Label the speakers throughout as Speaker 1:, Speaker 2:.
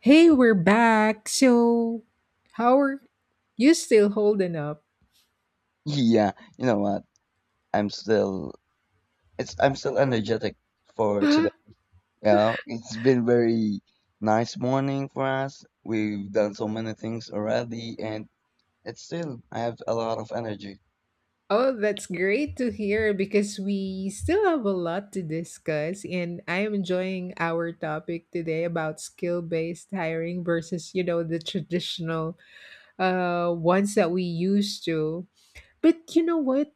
Speaker 1: Hey, we're back. So, how are you still holding up?
Speaker 2: Yeah, you know what? I'm still I'm still energetic for
Speaker 1: Oh,
Speaker 2: today. You know, it's been very nice morning for us. We've done so many things already, and it's still I have a lot of energy.
Speaker 1: that's great to hear because we still have a lot to discuss and I am enjoying our topic today about skill-based hiring versus, the traditional ones that we used to. But you know what?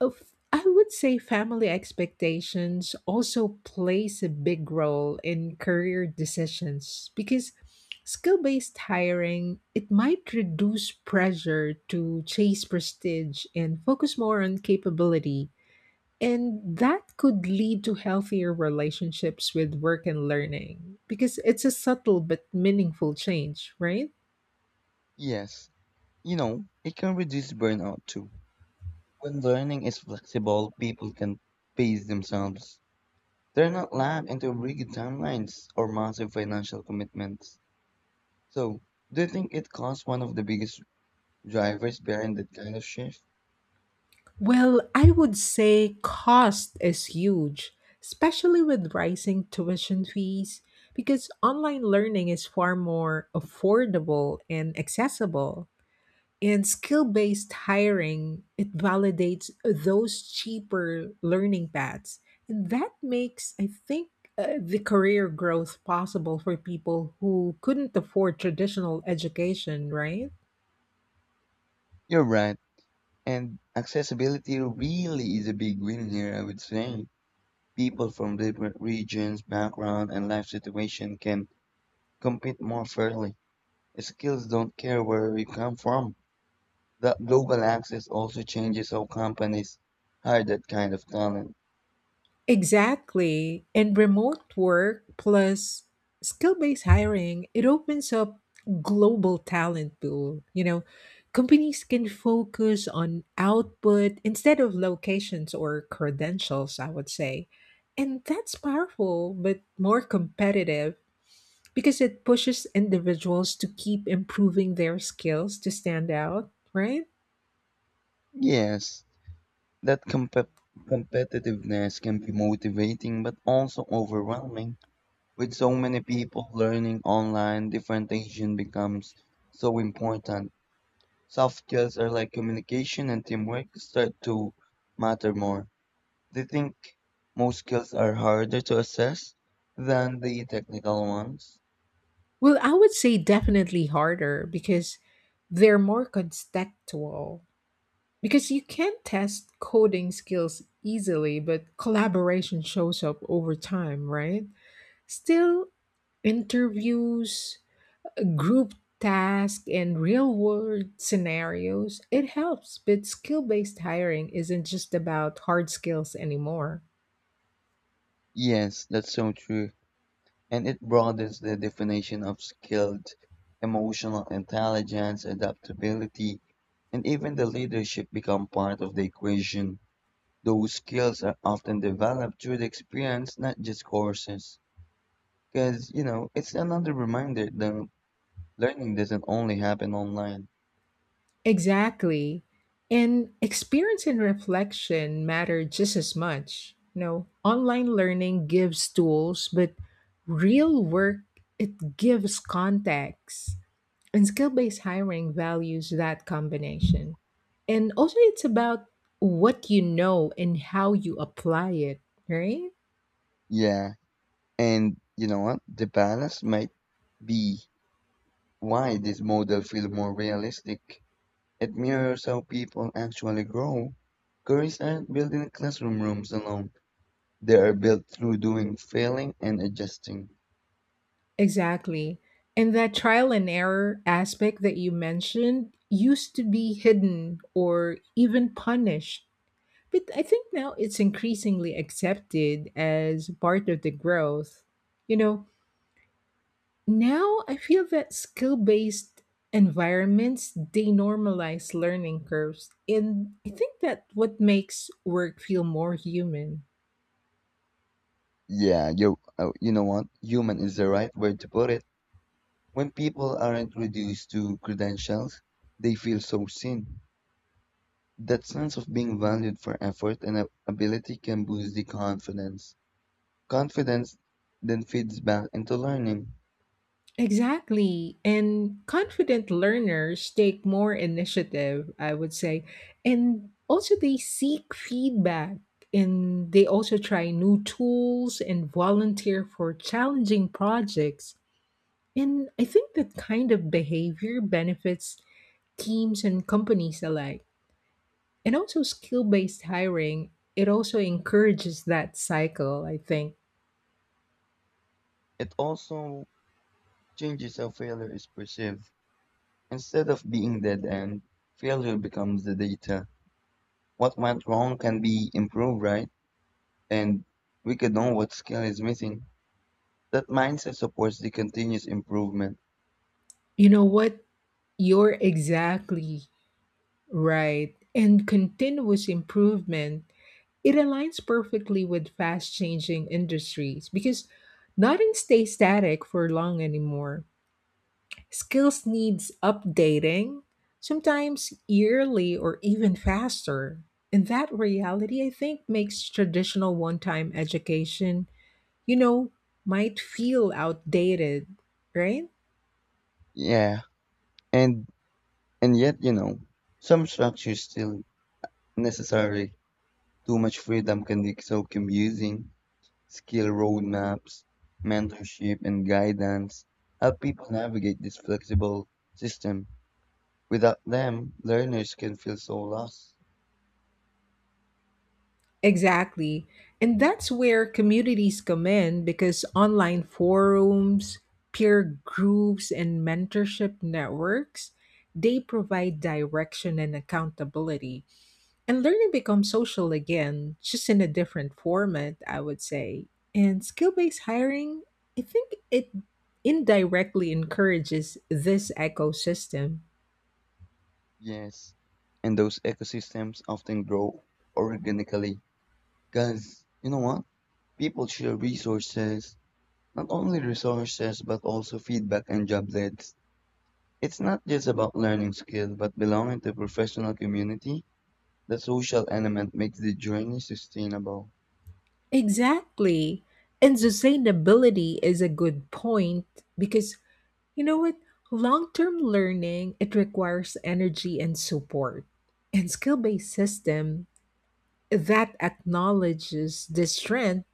Speaker 1: I would say family expectations also plays a big role in career decisions because skill-based hiring it might reduce pressure to chase prestige and focus more on capability, and that could lead to healthier relationships with work and learning because it's a subtle but meaningful change, right?
Speaker 2: Yes, you know, it can reduce burnout too. When learning is flexible, people can pace themselves. They're not locked into rigid timelines or massive financial commitments. So, do you think it caused one of the biggest drivers behind that kind of shift?
Speaker 1: Well, I would say cost is huge, especially with rising tuition fees, because online learning is far more affordable and accessible. And skill-based hiring, it validates those cheaper learning paths. And that makes, I think, the career growth possible for people who couldn't afford traditional education, right?
Speaker 2: You're right. And accessibility really is a big win here, I would say. People from different regions, background, and life situation can compete more fairly. Skills don't care where you come from. That global access also changes how companies hire that kind of talent.
Speaker 1: Exactly. And remote work plus skill based hiring, it opens up global talent pool. You know, companies can focus on output instead of locations or credentials, I would say. And that's powerful, but more competitive because it pushes individuals to keep improving their skills to stand out, right?
Speaker 2: Yes, that compe- competitiveness can be motivating but also overwhelming. With so many people learning online, differentiation becomes so important, soft skills are like communication and teamwork start to matter more. They think most skills are harder to assess than the technical ones.
Speaker 1: Well, I would say definitely harder because they're more contextual. Because you can test coding skills easily, but collaboration shows up over time, right? Still, interviews, group tasks, and real world scenarios, it helps. But skill based hiring isn't just about hard skills anymore.
Speaker 2: Yes, that's so true. And it broadens the definition of skilled, emotional intelligence, adaptability, and even the leadership become part of the equation. Those skills are often developed through the experience, not just courses. Because, you know, it's another reminder that learning doesn't only happen online.
Speaker 1: Exactly. And experience and reflection matter just as much. You know, online learning gives tools, but real work it gives context. And skill-based hiring values that combination. And also it's about what you know and how you apply it, right?
Speaker 2: Yeah, and you know what? The balance might be why this model feels more realistic. It mirrors how people actually grow. Careers aren't built in classroom rooms alone. They are built through doing, failing, and adjusting.
Speaker 1: Exactly. And that trial and error aspect that you mentioned used to be hidden or even punished. But I think now it's increasingly accepted as part of the growth. You know, now I feel that skill based environments denormalize learning curves. And I think that what makes work feel more human.
Speaker 2: Yeah, you know what? Human is the right word to put it. When people aren't reduced to credentials, they feel so seen. That sense of being valued for effort and ability can boost the confidence. Confidence then feeds back into learning.
Speaker 1: Exactly. And confident learners take more initiative, I would say. And also, they seek feedback and they also try new tools and volunteer for challenging projects. And I think that kind of behavior benefits teams and companies alike. And also, skill based hiring, it also encourages that cycle, I think.
Speaker 2: It also changes how failure is perceived. Instead of being dead end, failure becomes the data. What went wrong can be improved, right? And we can know what skill is missing. That mindset supports the continuous improvement.
Speaker 1: You know what? You're exactly right. And continuous improvement, it aligns perfectly with fast changing industries because nothing stays static for long anymore. Skills needs updating, sometimes yearly or even faster. And that reality, I think, makes traditional one time education, you know, might feel outdated, right?
Speaker 2: Yeah. And and yet, you know, some structure is still necessary. Too much freedom can be so confusing. Skill roadmaps, mentorship, and guidance help people navigate this flexible system. Without them, learners can feel so lost.
Speaker 1: Exactly. And that's where communities come in because online forums, peer groups, and mentorship networks, they provide direction and accountability. And learning becomes social again, just in a different format, I would say. And skill-based hiring, I think it indirectly encourages this ecosystem.
Speaker 2: Yes, and those ecosystems often grow organically. Because, you know what? People share resources, not only resources, but also feedback and job leads. It's not just about learning skills, but belonging to a professional community. The social element makes the journey sustainable.
Speaker 1: Exactly. And sustainability is a good point because you know what? Long-term learning, it requires energy and support. And skill-based system that acknowledges the strength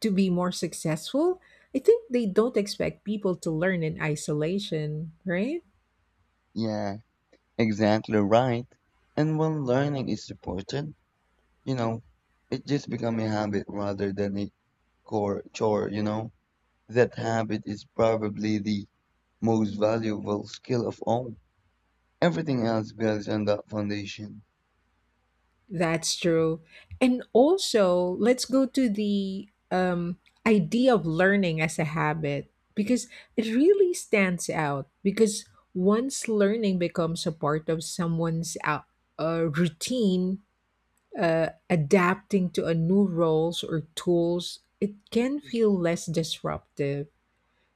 Speaker 1: to be more successful, I think they don't expect people to learn in isolation, right?
Speaker 2: Yeah, exactly right. And when learning is supported, you know, it just becomes a habit rather than a core chore, you know. That habit is probably the most valuable skill of all. Everything else builds on that foundation.
Speaker 1: That's true. And also, let's go to the idea of learning as a habit because it really stands out. Because once learning becomes a part of someone's routine, adapting to a new roles or tools, it can feel less disruptive.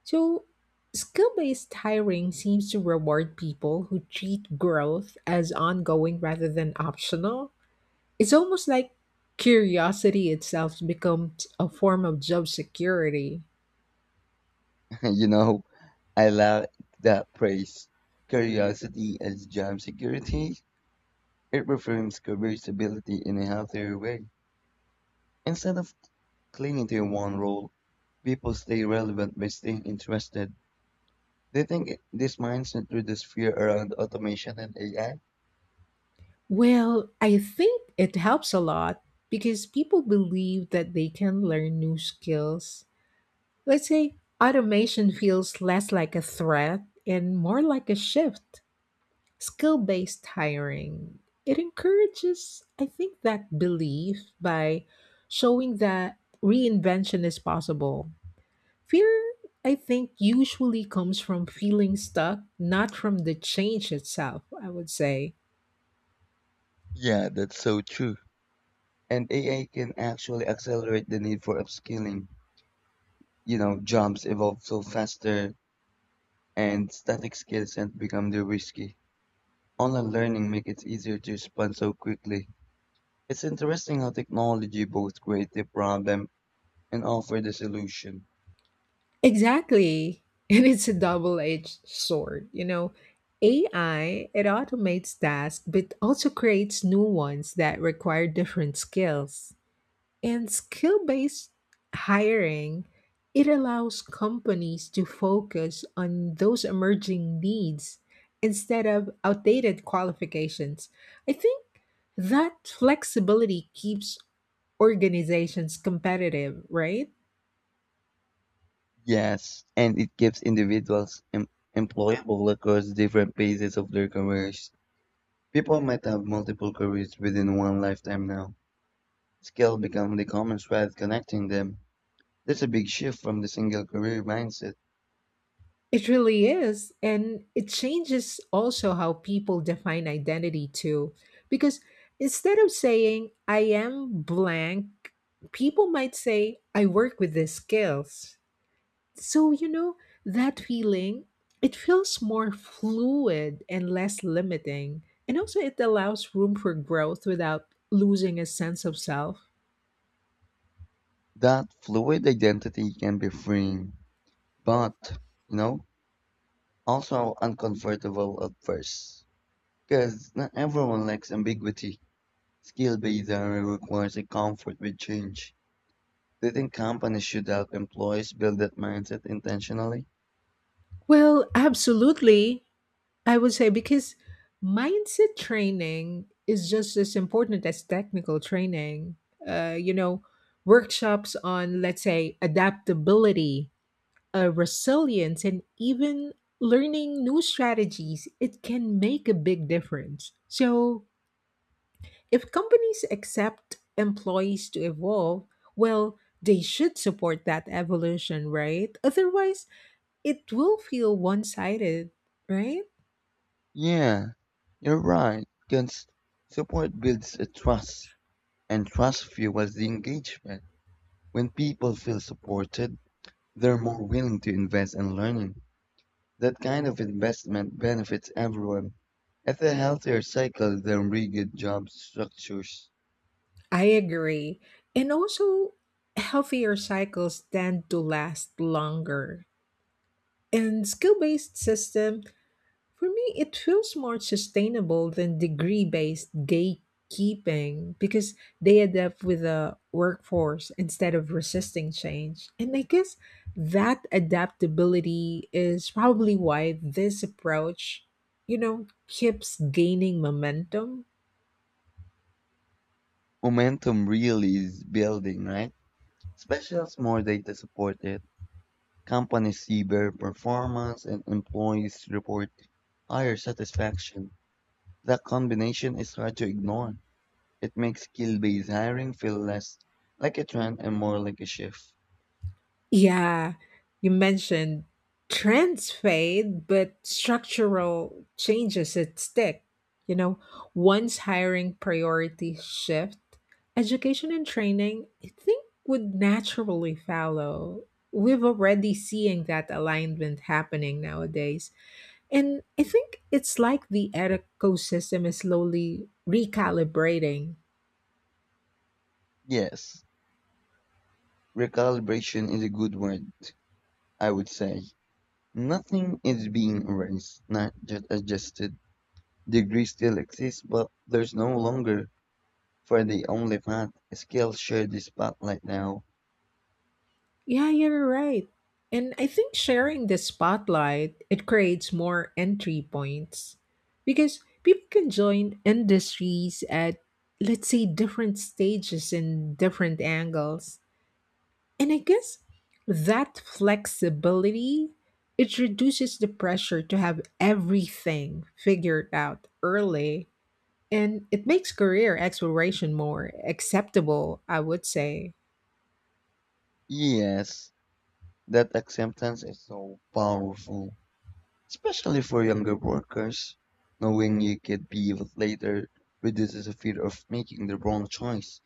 Speaker 1: So, skill based hiring seems to reward people who treat growth as ongoing rather than optional. It's almost like curiosity itself becomes a form of job security.
Speaker 2: You know, I like that phrase. Curiosity as job security. It reframes career stability in a healthier way. Instead of clinging to one role. People stay relevant by staying interested. Do you think this mindset reduces fear around automation and AI?
Speaker 1: Well, I think it helps a lot because people believe that they can learn new skills. Let's say automation feels less like a threat and more like a shift. Skill based hiring. It encourages, I think, that belief by showing that reinvention is possible. Fear, I think, usually comes from feeling stuck, not from the change itself, I would say.
Speaker 2: Yeah, that's so true. And AI can actually accelerate the need for upskilling. You know, jobs evolve so faster and static skills tend to become too risky. Online learning makes it easier to respond so quickly. It's interesting how technology both creates the problem and offer the solution.
Speaker 1: Exactly. And it's a double edged sword. You know, AI, it automates tasks, but also creates new ones that require different skills. And skill based hiring, it allows companies to focus on those emerging needs instead of outdated qualifications. I think that flexibility keeps organizations competitive, right?
Speaker 2: Yes, and it gives individuals employable across different phases of their careers. People might have multiple careers within one lifetime now. Skill become the common thread connecting them. There's a big shift from the single career mindset.
Speaker 1: It really is. And it changes also how people define identity, too. Because instead of saying, I am blank, people might say, I work with these skills. So, you know, that feeling, it feels more fluid and less limiting. And also, it allows room for growth without losing a sense of self.
Speaker 2: That fluid identity can be freeing, but, you know, also uncomfortable at first. Because not everyone likes ambiguity. Skill-based area requires a comfort with change. Do you think companies should help employees build that mindset intentionally?
Speaker 1: Well, absolutely. I would say because mindset training is just as important as technical training. You know, workshops on, let's say, adaptability, resilience and even learning new strategies, it can make a big difference. So, if companies accept employees to evolve, well, they should support that evolution, right? Otherwise, it will feel one sided, right?
Speaker 2: Yeah, you're right, because support builds a trust, and trust fuels the engagement. When people feel supported, they're more willing to invest in learning. That kind of investment benefits everyone. It's a healthier cycle than rigid job structures.
Speaker 1: I agree. And also, healthier cycles tend to last longer. And skill based systems for me, it feels more sustainable than degree based gatekeeping because they adapt with the workforce instead of resisting change. And I guess that adaptability is probably why this approach, you know, keeps gaining momentum.
Speaker 2: Momentum really is building, right? Especially as more data support it. Companies see better performance and employees report higher satisfaction. That combination is hard to ignore. It makes skill-based hiring feel less like a trend and more like a shift.
Speaker 1: Yeah, you mentioned trends fade, but structural changes at stick. You know, once hiring priorities shift, education and training, I think, would naturally follow. We've already seeing that alignment happening nowadays. And I think it's like the ecosystem is slowly recalibrating.
Speaker 2: Yes, recalibration is a good word, I would say. Nothing is being erased, not just adjusted. Degrees still exist, but there's no longer for the only path. Skills share the spotlight now.
Speaker 1: Yeah, you're right. And I think sharing the spotlight, it creates more entry points because people can join industries at let's say different stages and different angles. And I guess that flexibility it reduces the pressure to have everything figured out early, and it makes career exploration more acceptable, I would say.
Speaker 2: Yes, that acceptance is so powerful, especially for younger workers. Knowing you could be with later reduces the fear of making the wrong choice.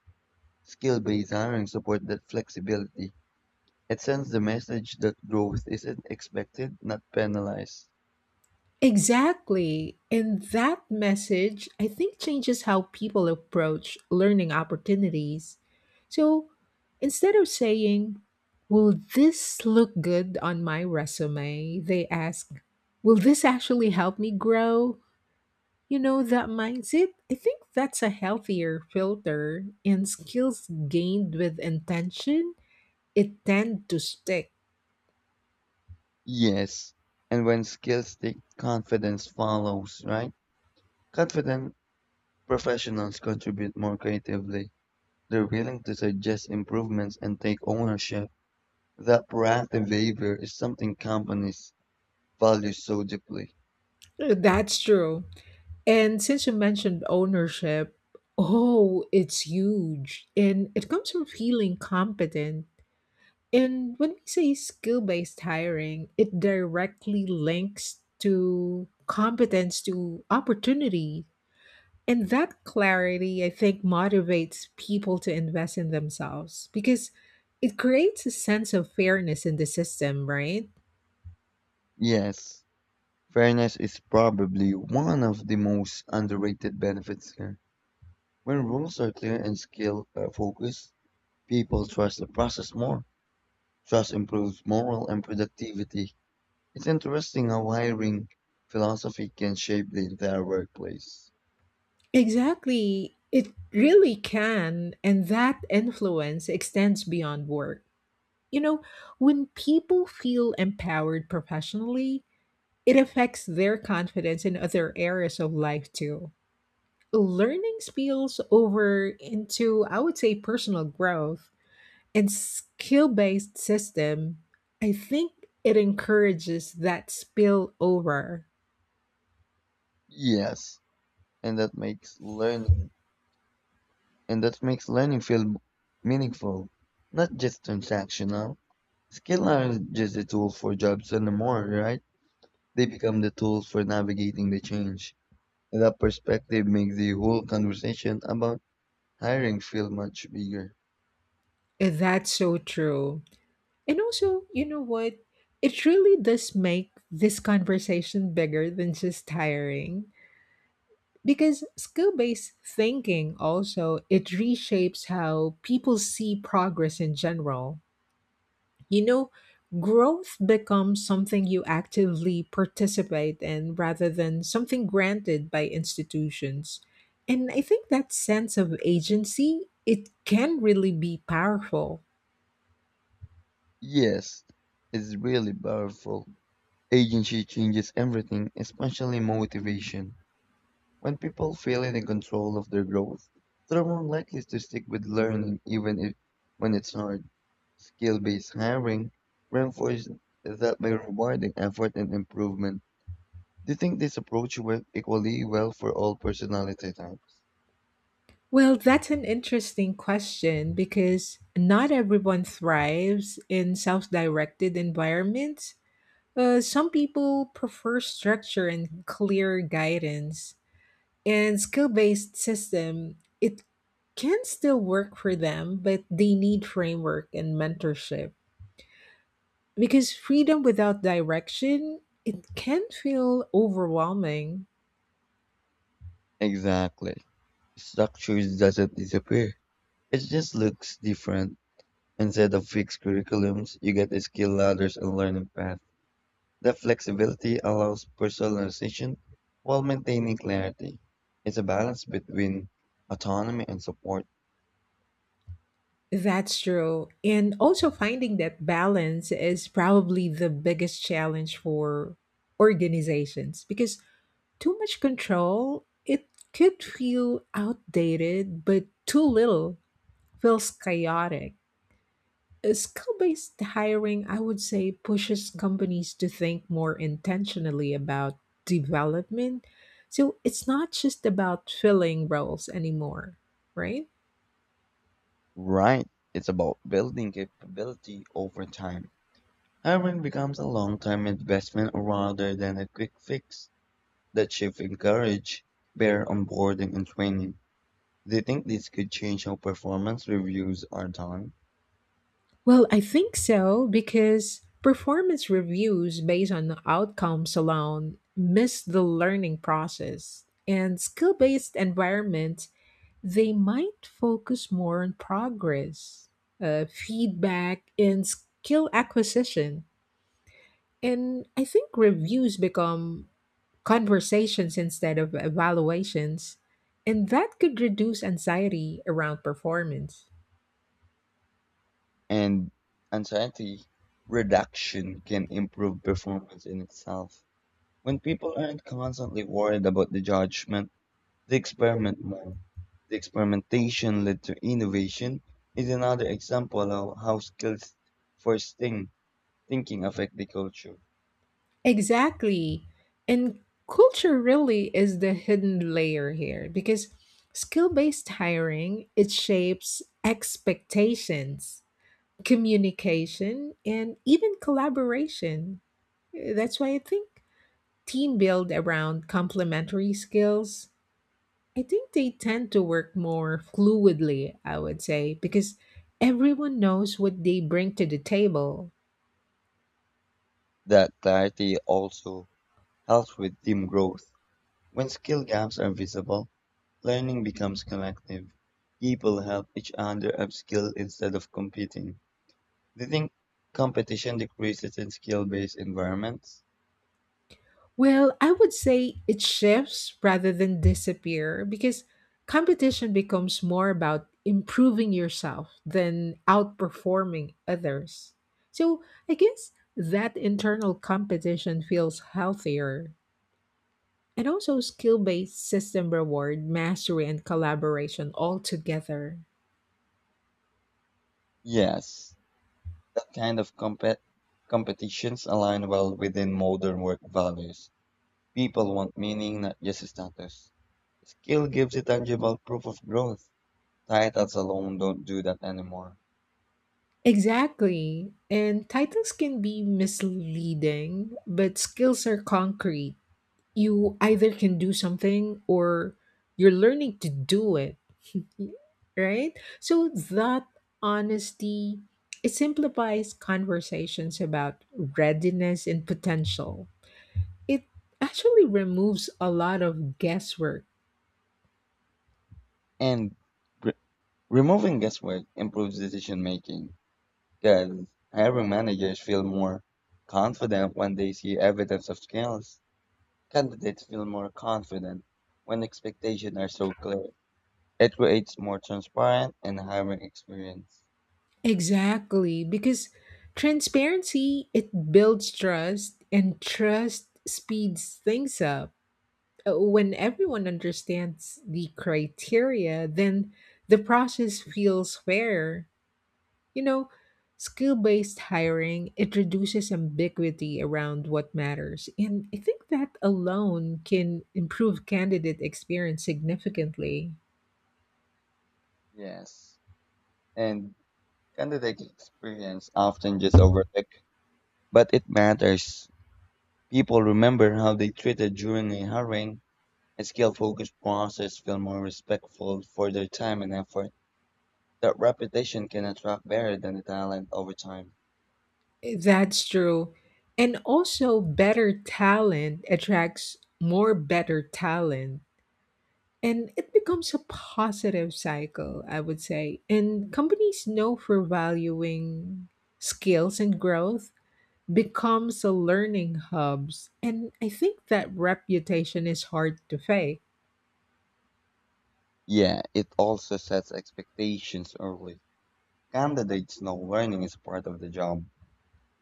Speaker 2: Skill-based hiring supports that flexibility. It sends the message that growth isn't expected, not penalized.
Speaker 1: Exactly. And that message, I think, changes how people approach learning opportunities. So instead of saying, will this look good on my resume? They ask, will this actually help me grow? You know, that mindset, I think that's a healthier filter, and skills gained with intention, it tend to stick.
Speaker 2: Yes, and when skills stick, confidence follows, right? Confident professionals contribute more creatively. They're willing to suggest improvements and take ownership. That proactive behavior is something companies value so deeply.
Speaker 1: That's true. And since you mentioned ownership, oh, it's huge. And it comes from feeling competent. And when we say skill based hiring, it directly links to competence to opportunity. And that clarity, I think, motivates people to invest in themselves because it creates a sense of fairness in the system, right?
Speaker 2: Yes, fairness is probably one of the most underrated benefits here. When rules are clear and skill are focused, people trust the process more. Trust improves morale and productivity. It's interesting how hiring philosophy can shape the entire workplace.
Speaker 1: Exactly. It really can. And that influence extends beyond work. You know, when people feel empowered professionally, it affects their confidence in other areas of life too. Learning spills over into, I would say, personal growth and skill based system. I think it encourages that spill over.
Speaker 2: Yes, and that makes learning and that makes learning feel meaningful, not just transactional. Skill aren't just a tool for jobs anymore, right? They become the tools for navigating the change. And that perspective makes the whole conversation about hiring feel much bigger.
Speaker 1: And that's so true. And also, you know what? It really does make this conversation bigger than just tiring because skill-based thinking also it reshapes how people see progress in general. You know, growth becomes something you actively participate in rather than something granted by institutions, and I think that sense of agency it can really be powerful.
Speaker 2: Yes, it's really powerful. Agency changes everything, especially motivation. When people feel in control of their growth, they're more likely to stick with learning even if when it's hard. Skill-based hiring reinforces that by rewarding effort and improvement. Do you think this approach works equally well for all personality types?
Speaker 1: Well, that's an interesting question because not everyone thrives in self directed environments. Some people prefer structure and clear guidance. And skill-based system, it can still work for them, but they need framework and mentorship. Because freedom without direction, it can feel overwhelming.
Speaker 2: Exactly. Structure doesn't disappear. It just looks different. Instead of fixed curriculums, you get skill ladders and learning paths. The flexibility allows personalization while maintaining clarity. It's a balance between autonomy and support.
Speaker 1: That's true. And also finding that balance is probably the biggest challenge for organizations because too much control, it could feel outdated, but too little feels chaotic. Skill based hiring, I would say, pushes companies to think more intentionally about development. So it's not just about filling roles anymore, right?
Speaker 2: Right. It's about building capability over time. Hiring becomes a long-term investment rather than a quick fix. The chief encouraged better onboarding and training. Do you think this could change how performance reviews are done?
Speaker 1: Well, I think so because performance reviews based on outcomes alone miss the learning process. And skill based environments, they might focus more on progress, feedback, and skill acquisition. And I think reviews become conversations instead of evaluations. And that could reduce anxiety around performance.
Speaker 2: And anxiety reduction can improve performance in itself. When people aren't constantly worried about the judgment, they experiment more. The experimentation led to innovation is another example of how skills for think, thinking affect the culture.
Speaker 1: Exactly. And culture really is the hidden layer here because skill-based hiring, it shapes expectations, communication, and even collaboration. That's why I think team build around complementary skills, I think they tend to work more fluidly, I would say, because everyone knows what they bring to the table.
Speaker 2: That clarity also helps with team growth. When skill gaps are visible, learning becomes collective. People help each other upskill instead of competing. Do you think competition decreases in skill-based environments?
Speaker 1: Well, I would say it shifts rather than disappear because competition becomes more about improving yourself than outperforming others. So I guess that internal competition feels healthier, and also skill based system reward, mastery, and collaboration all together.
Speaker 2: Yes, that kind of competitions align well within modern work values. People want meaning, not just status. Skill gives a tangible proof of growth. Titles alone don't do that anymore.
Speaker 1: Exactly. And titles can be misleading, but skills are concrete. You either can do something or you're learning to do it. Right, so that honesty it simplifies conversations about readiness and potential. It actually removes a lot of guesswork.
Speaker 2: And re- removing guesswork improves decision making. Then hiring managers feel more confident when they see evidence of skills. Candidates feel more confident when expectations are so clear. It creates more transparent and hiring experience.
Speaker 1: Exactly, because transparency it builds trust and trust speeds things up. When everyone understands the criteria, then the process feels fair. You know, skill-based hiring, it reduces ambiguity around what matters. And I think that alone can improve candidate experience significantly.
Speaker 2: Yes. And candidate experience often just overlooked, but it matters. People remember how they treated during a hiring. A skill-focused process feel more respectful for their time and effort. That reputation can attract better than the talent over time.
Speaker 1: That's true. And also better talent attracts more better talent. And it becomes a positive cycle, I would say. And companies know for valuing skills and growth becomes a learning hubs. And I think that reputation is hard to fake.
Speaker 2: Yeah, it also sets expectations early. Candidates know learning is part of the job.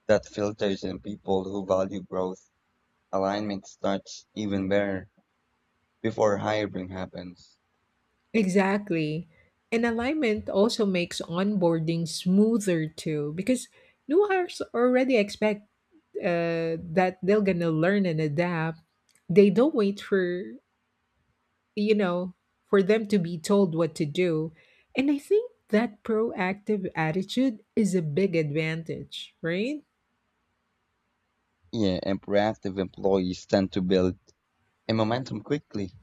Speaker 2: That filters in people who value growth. Alignment starts even better before hiring happens.
Speaker 1: Exactly. And alignment also makes onboarding smoother too, because new hires already expect that they're gonna learn and adapt. They don't wait for you know for them to be told what to do, and I think that proactive attitude is a big advantage, right?
Speaker 2: Yeah, and proactive employees tend to build a momentum quickly.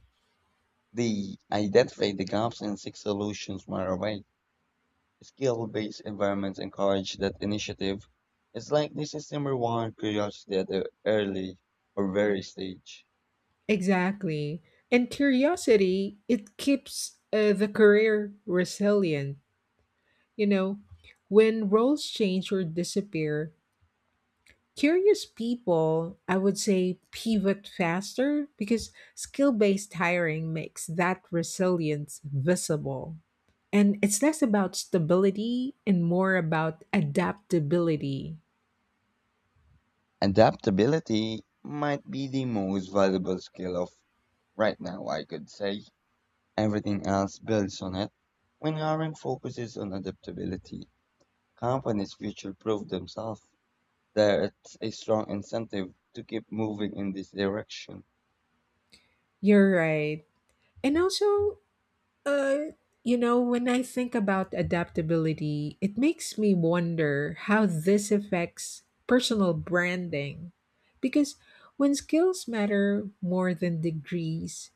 Speaker 2: They identify the gaps and seek solutions right away. Skill-based environments encourage that initiative. It's like the system reward curiosity at the early or very stage.
Speaker 1: Exactly, and curiosity it keeps the career resilient. You know, when roles change or disappear, curious people, I would say, pivot faster because skill based hiring makes that resilience visible. And it's less about stability and more about adaptability.
Speaker 2: Adaptability might be the most valuable skill of right now, I could say. Everything else builds on it. When hiring focuses on adaptability, companies future proof themselves. There's a strong incentive to keep moving in this direction.
Speaker 1: You're right. And also, uh, you know, when I think about adaptability, it makes me wonder how this affects personal branding. Because when skills matter more than degrees,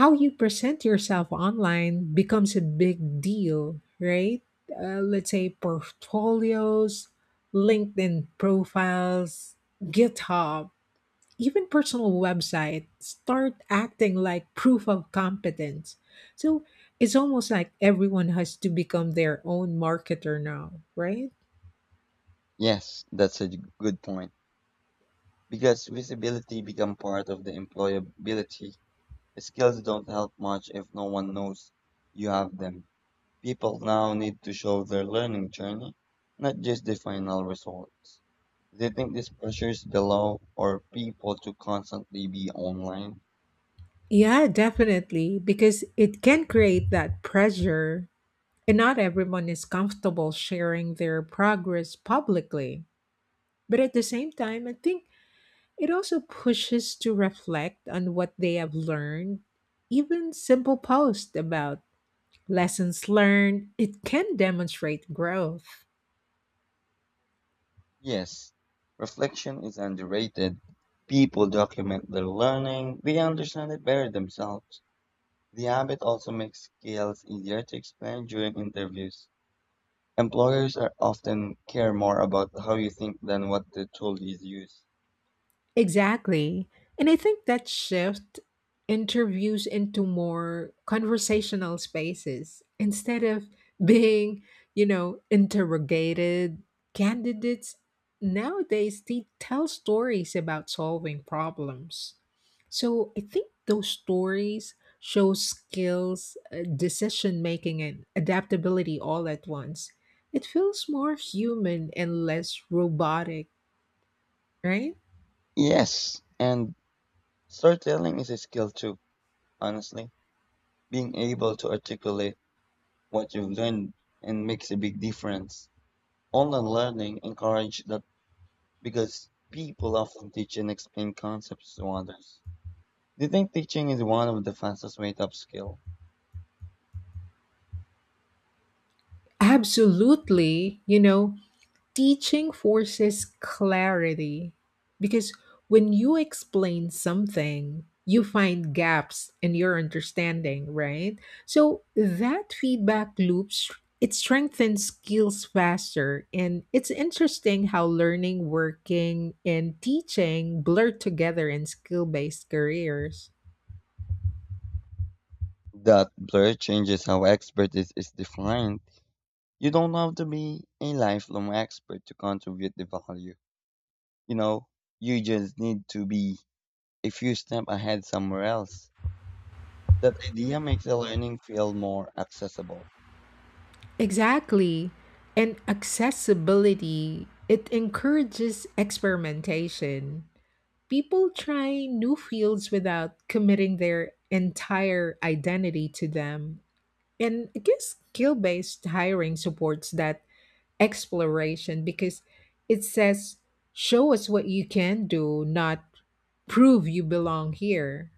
Speaker 1: how you present yourself online becomes a big deal, right? Let's say portfolios, LinkedIn profiles, GitHub, even personal websites start acting like proof of competence. So it's almost like everyone has to become their own marketer now, right?
Speaker 2: Yes, that's a good point. Because visibility become part of the employability. Skills don't help much if no one knows you have them. People now need to show their learning journey, not just the final results. Do you think this pressures below or people to constantly be online?
Speaker 1: Yeah, definitely, because it can create that pressure, and not everyone is comfortable sharing their progress publicly. But at the same time, I think it also pushes to reflect on what they have learned. Even simple posts about lessons learned, it can demonstrate growth.
Speaker 2: Yes, reflection is underrated. People document their learning, they understand it better themselves. The habit also makes skills easier to explain during interviews. Employers are often care more about how you think than what the tool is used.
Speaker 1: Exactly. And I think that shift interviews into more conversational spaces instead of being, you know, interrogated. Candidates nowadays they tell stories about solving problems. So I think those stories show skills, decision making, and adaptability all at once. It feels more human and less robotic, right?
Speaker 2: Yes, and storytelling is a skill too, honestly. Being able to articulate what you've learned and makes a big difference. Online learning encourages that because people often teach and explain concepts to others. Do you think teaching is one of the fastest way to upskill?
Speaker 1: Absolutely. You know, teaching forces clarity because when you explain something, you find gaps in your understanding, right? So that feedback loop it strengthens skills faster, and it's interesting how learning, working and teaching blur together in skill-based careers.
Speaker 2: That blur changes how expert is defined. You don't have to be a lifelong expert to contribute the value. You know, you just need to be a few steps ahead somewhere else. That idea makes the learning feel more accessible.
Speaker 1: Exactly. And accessibility, it encourages experimentation. People try new fields without committing their entire identity to them. And I guess skill based hiring supports that exploration because it says, show us what you can do, not prove you belong here.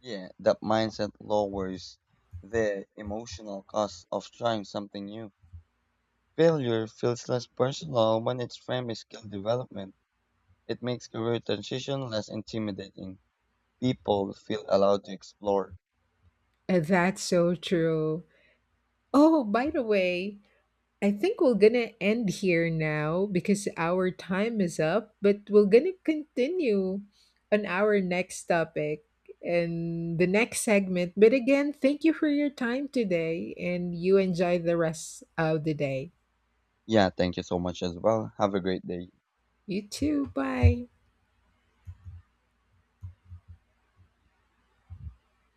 Speaker 2: Yeah, that mindset lowers the emotional cost of trying something new. Failure feels less personal when it's framed as skill development. It makes career transition less intimidating. People feel allowed to explore.
Speaker 1: And that's so true. Oh, by the way, I think we're gonna end here now because our time is up, but we're gonna continue on our next topic and the next segment. But again, thank you for your time today and you enjoy the rest of the day.
Speaker 2: Yeah, thank you so much as well. Have a great day.
Speaker 1: You too. Bye.